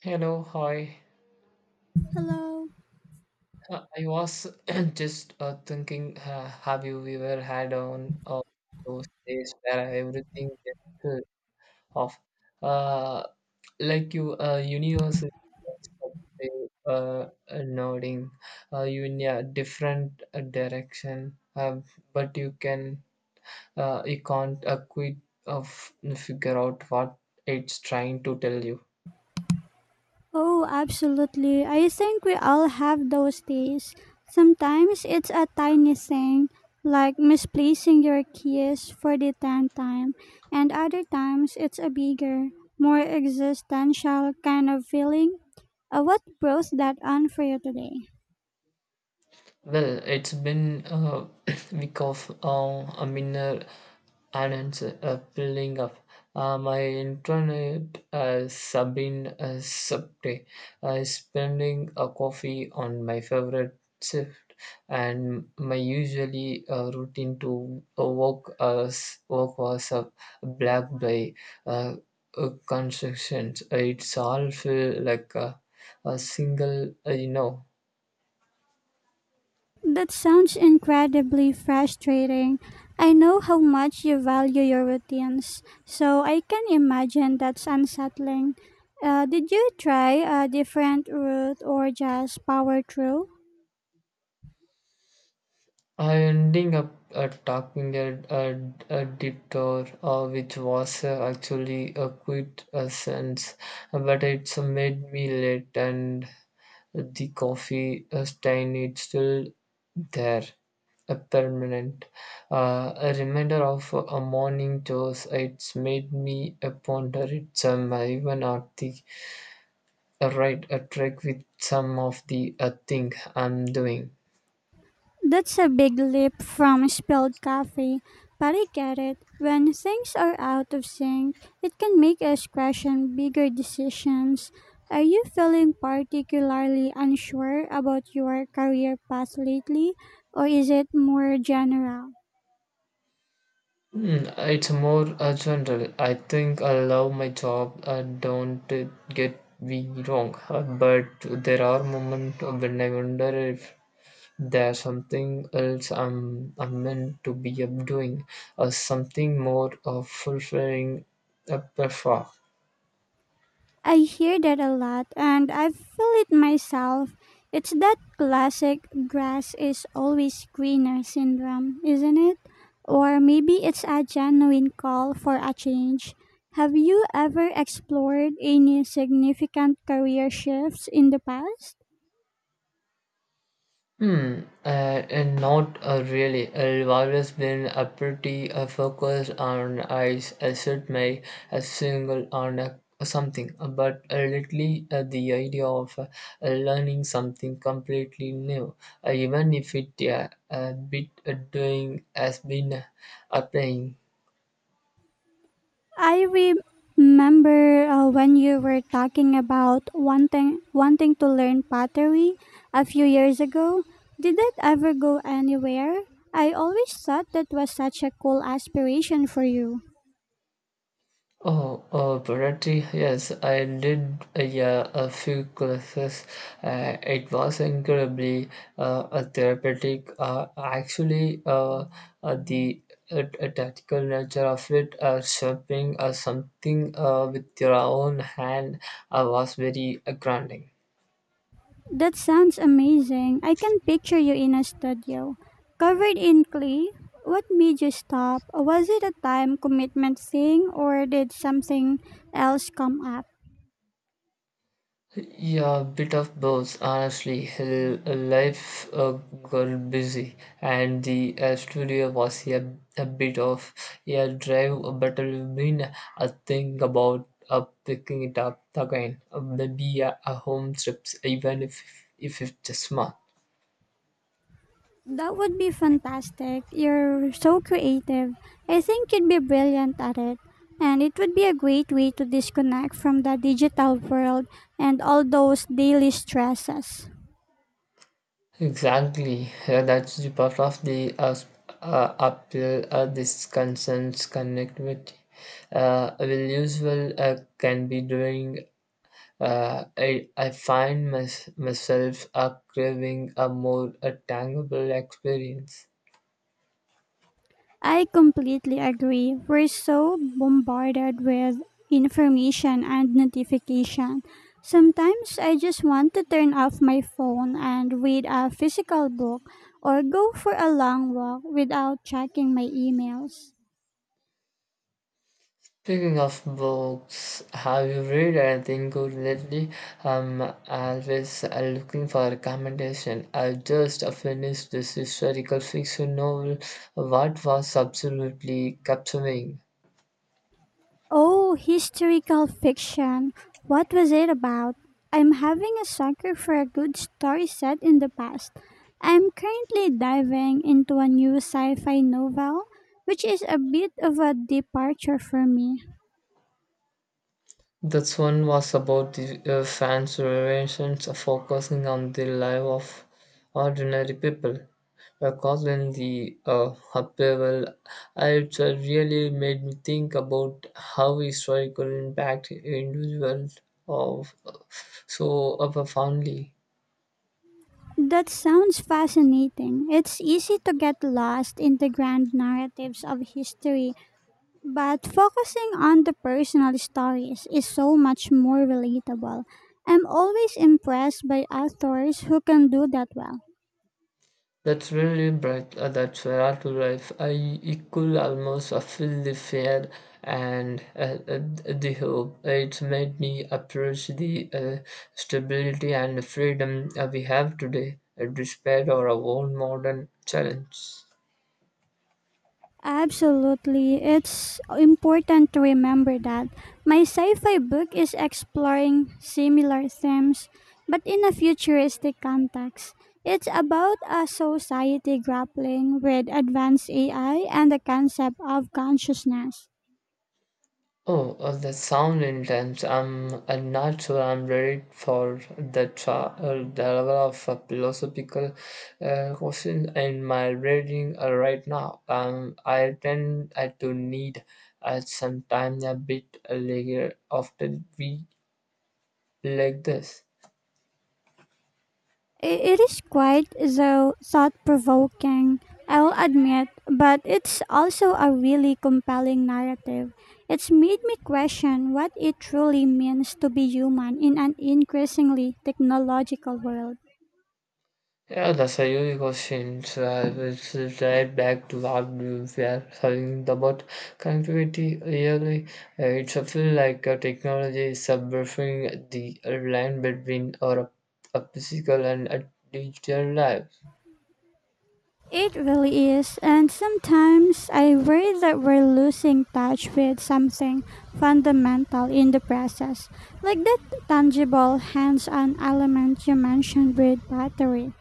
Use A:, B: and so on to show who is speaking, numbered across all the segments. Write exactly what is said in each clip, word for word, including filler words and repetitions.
A: Hello, hi.
B: Hello.
A: Uh, I was just uh, thinking, uh, have you ever had on uh, those days where everything just fell off, uh, like you, uh, universe is uh, uh, nodding uh, you in a different uh, direction, uh, but you can uh, you can't uh, quite of figure out what it's trying to tell you.
B: Oh, absolutely. I think we all have those days. Sometimes it's a tiny thing, like misplacing your keys for the tenth time, and other times it's a bigger, more existential kind of feeling. Uh, what brought that on for you today?
A: Well, it's been a week of uh, a minor and it's uh, building up. Uh, my internet has uh, been uh, subday. I spending a coffee on my favorite shift and my usually uh, routine to uh, work as work was a black by uh, uh, constructions. It's all feel like a, a single uh, you know
B: That sounds incredibly frustrating. I know how much you value your routines, so I can imagine that's unsettling. Uh, did you try a different route or just power through?
A: I ending up uh, talking at a, a detour, uh, which was uh, actually a quite uh, sense, but it's made me late, and the coffee uh, stain is still there, a permanent, uh, a reminder of a morning chores. It's made me uh, ponder it um, even at the uh, right a track with some of the uh, thing I'm doing.
B: That's a big leap from spilled coffee, but I get it. When things are out of sync, it can make us question bigger decisions. Are you feeling particularly unsure about your career path lately, or is it more general?
A: Mm, it's more uh, general. I think I love my job. Uh, don't uh, get me wrong, uh, but there are moments when I wonder if there's something else I'm I'm meant to be up doing, uh, something more uh, fulfilling, uh, prefer.
B: I hear that a lot and I feel it myself. It's that classic grass is always greener syndrome, isn't it? Or maybe it's a genuine call for a change. Have you ever explored any significant career shifts in the past?
A: Hmm, uh, and not uh, really. I've always been a pretty uh, focused on I set my a single on a, something, but uh, lately uh, the idea of uh, uh, learning something completely new, uh, even if it uh, a bit uh, doing has been uh, applying.
B: I remember uh, when you were talking about wanting wanting to learn pottery a few years ago. Did that ever go anywhere? I always thought that was such a cool aspiration for you.
A: Oh, uh, Bharati, yes, I did uh, yeah, a few classes. Uh, it was incredibly uh, uh, therapeutic. Uh, actually, uh, uh, the uh, t- tactical nature of it, uh, shaping uh, something uh, with your own hand, uh, was very uh, grounding.
B: That sounds amazing. I can picture you in a studio, covered in clay. What made you stop? Was it a time commitment thing or did something else come up?
A: Yeah, a bit of both, honestly. L- Life uh, got busy, and the uh, studio was a, a bit of a drive, but I've been uh, thinking about uh, picking it up again. Uh, Maybe a, a home trips, even if if it's small.
B: That would be fantastic. You're so creative. I think you'd be brilliant at it. And it would be a great way to disconnect from the digital world and all those daily stresses.
A: Exactly. Yeah, that's the part of the uh, s- uh, appeal. Uh, this concerns connectivity. Uh, will usual uh, can be doing. Uh, I, I find mys- myself up craving a more a tangible experience.
B: I completely agree. We're so bombarded with information and notification. Sometimes I just want to turn off my phone and read a physical book or go for a long walk without checking my emails.
A: Speaking of books, have you read anything good lately? I'm always uh, looking for recommendation. I just uh, finished this historical fiction novel, what was absolutely captivating.
B: Oh, historical fiction. What was it about? I'm having a sucker for a good story set in the past. I'm currently diving into a new sci fi novel, which is a bit of a departure for me.
A: That's one was about the uh, fans' relations focusing on the life of ordinary people. Because when the uh, upheaval, uh, it uh, really made me think about how historical impact individuals of so profoundly.
B: That sounds fascinating. It's easy to get lost in the grand narratives of history, but focusing on the personal stories is so much more relatable. I'm always impressed by authors who can do that well.
A: That's really bright. Uh, that's where to life. I it could almost uh, feel the fear and uh, uh, the hope. It's made me appreciate the uh, stability and freedom uh, we have today, uh, despite our own modern challenge.
B: Absolutely, it's important to remember that. My sci fi book is exploring similar themes, but in a futuristic context. It's about a society grappling with advanced A I and the concept of consciousness.
A: Oh, uh, the sound intense. I'm uh, not sure I'm ready for the, tra- uh, the level of uh, philosophical uh, question in my reading uh, right now. Um, I tend uh, to need uh, sometimes a bit layer after we like this.
B: I- It is quite though thought provoking, I'll admit, but it's also a really compelling narrative. It's made me question what it truly means to be human in an increasingly technological world.
A: Yeah, the a unique question. So I was right back to what we were talking about connectivity earlier. Uh, it's a feel like uh, technology is subverting the line between our a physical and a digital life.
B: It really is, and sometimes I worry that we're losing touch with something fundamental in the process, like that tangible hands on element you mentioned with pottery.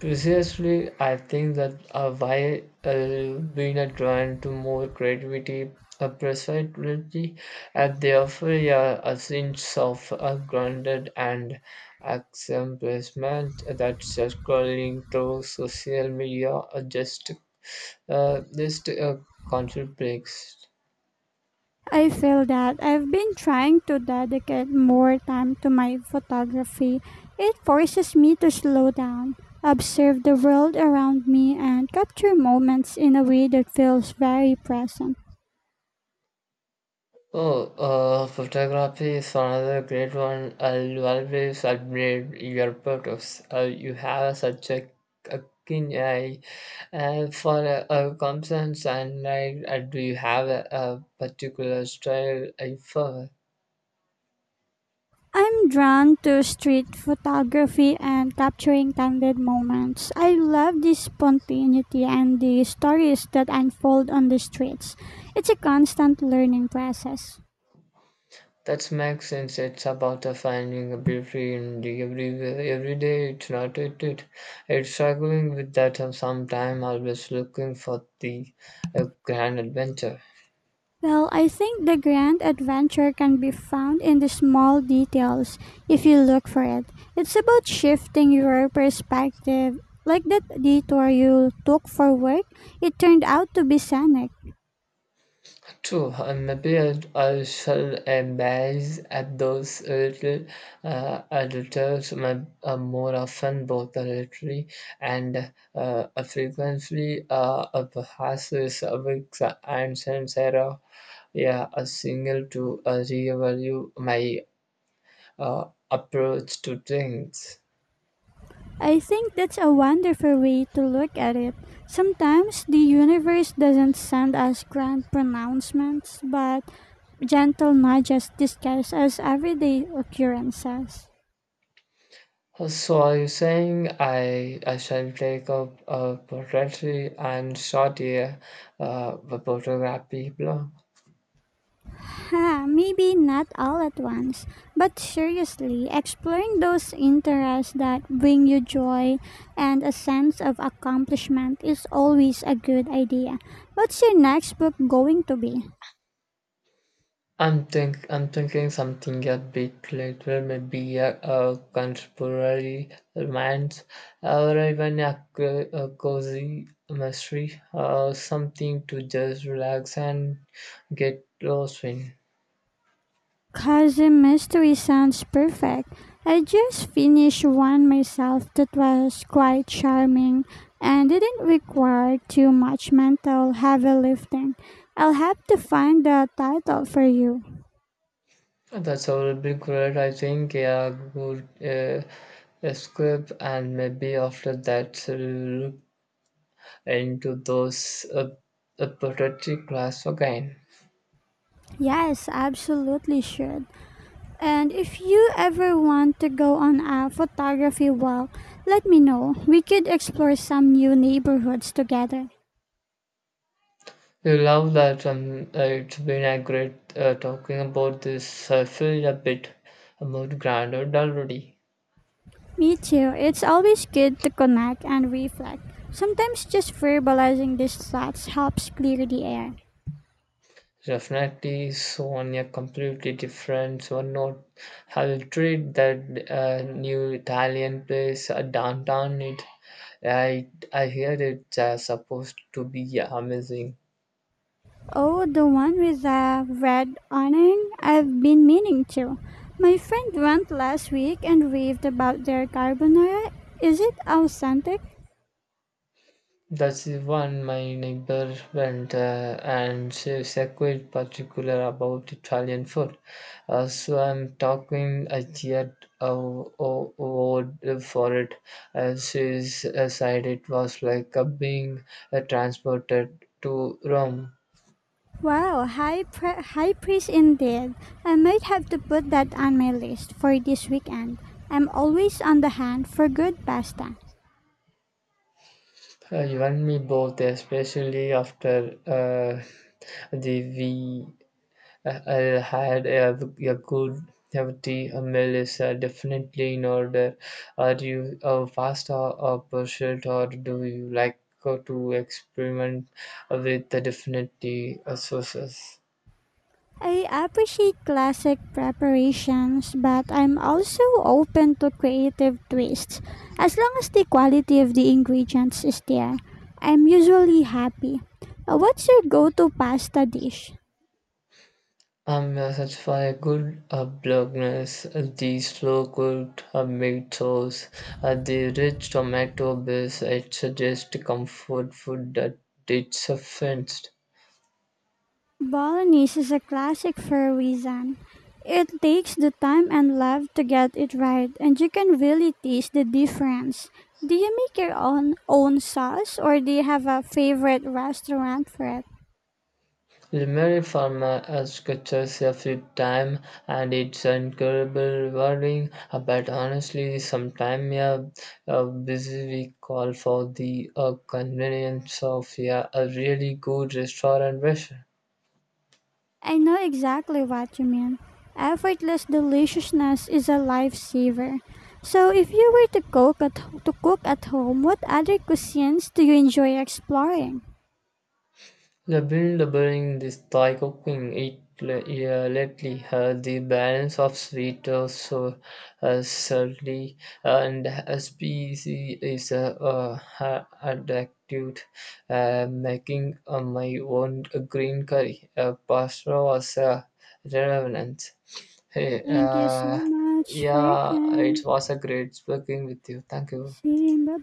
A: Precisely, I think that uh, why uh, being are drawn to more creativity, uh, precisely, and they offer a, a sense of uh, grounded and accomplishment that scrolling through social media uh, just uh, just uh, conflicts.
B: I feel that. I've been trying to dedicate more time to my photography. It forces me to slow down, observe the world around me, and capture moments in a way that feels very present.
A: Oh, uh, Photography is another great one. I'll always admire your photos. Uh, you have such a, a keen eye uh, for a, a concerns, and I, uh, do you have a, a particular style I follow?
B: I'm drawn to street photography and capturing candid moments. I love the spontaneity and the stories that unfold on the streets. It's a constant learning process.
A: That makes sense. It's about uh, finding a beauty in the every every day. It's not it. It. It's struggling with that uh, sometime. Always looking for the uh, grand adventure.
B: Well, I think the grand adventure can be found in the small details if you look for it. It's about shifting your perspective. Like that detour you took for work, it turned out to be scenic.
A: True, uh, maybe I, I shall embrace at those little uh, editors my, uh, more often, both the literary and uh, a frequency uh, of passes a weeks and since era. Yeah, a single to uh, reevaluate my uh, approach to things.
B: I think that's a wonderful way to look at it. Sometimes the universe doesn't send us grand pronouncements, but gentle nudges disguised as everyday occurrences.
A: So are you saying I I shall take up uh, poetry and short here, uh, the photography blog?
B: Ha, maybe not all at once, but seriously, exploring those interests that bring you joy and a sense of accomplishment is always a good idea. What's your next book going to be?
A: I'm think I'm thinking something a bit later, maybe a, a contemporary romance, or even a, co- a cozy mystery, or something to just relax and get lost in.
B: Cousin Mystery sounds perfect. I just finished one myself that was quite charming and didn't require too much mental heavy lifting. I'll have to find the title for you.
A: That's all be great. I think a good uh, escape, and maybe after that, uh, look into those uh, apathetic class again.
B: Yes, absolutely should. And if you ever want to go on a photography walk, let me know. We could explore some new neighborhoods together.
A: You love that, and uh, it's been a great uh, talking about this. I feel a bit more grounded already.
B: Me too. It's always good to connect and reflect. Sometimes just verbalizing these thoughts helps clear the air.
A: Definitely, so on a completely different, so not. I'll treat that uh, new Italian place uh, downtown. It, I, I hear it's uh, supposed to be amazing.
B: Oh, the one with the red awning? I've been meaning to. My friend went last week and raved about their carbonara. Is it authentic?
A: That's the one my neighbor went uh, and she's quite particular about Italian food. Uh, so I'm talking a jet uh, award for it. Uh, she's uh, said it was like uh, being uh, transported to Rome.
B: Wow, high, pre- high praise indeed. I might have to put that on my list for this weekend. I'm always on the hunt for good pasta.
A: Uh, you and me both, especially after uh, the I, I had a, a good a tea a meal is uh, definitely in order. Are you a pasta or pursuit or do you like uh, to experiment with the different tea uh, sauces?
B: I appreciate classic preparations, but I'm also open to creative twists. As long as the quality of the ingredients is there, I'm usually happy. Uh, What's your go to pasta dish?
A: I'm uh, such for a good uh, bluntness, uh, the slow cooked uh, meat sauce, uh, the rich tomato base. It's uh, just comfort food that it's offensed.
B: Bolognese is a classic for a reason. It takes the time and love to get it right, and you can really taste the difference. Do you make your own own sauce, or do you have a favorite restaurant for it?
A: Lemery Farmer has coaches a few times and it's incredibly rewarding. Uh, but honestly sometimes yeah, a busy week calls for the uh, convenience of yeah, a really good restaurant version.
B: I know exactly what you mean. Effortless deliciousness is a lifesaver. So, if you were to cook at to cook at home, what other cuisines do you enjoy exploring?
A: The build bearing this Thai cooking. It le- yeah, lately uh, the balance of sweet, uh, so uh, salty, and uh, spicy is uh, uh, ha- addictive, uh, making uh, my own green curry. Uh, pasta was uh, relevant. Hey,
B: Thank you
A: uh,
B: so much for your
A: yeah, it was a
B: time.
A: great speaking with you. Thank you.
B: See you. Bye bye.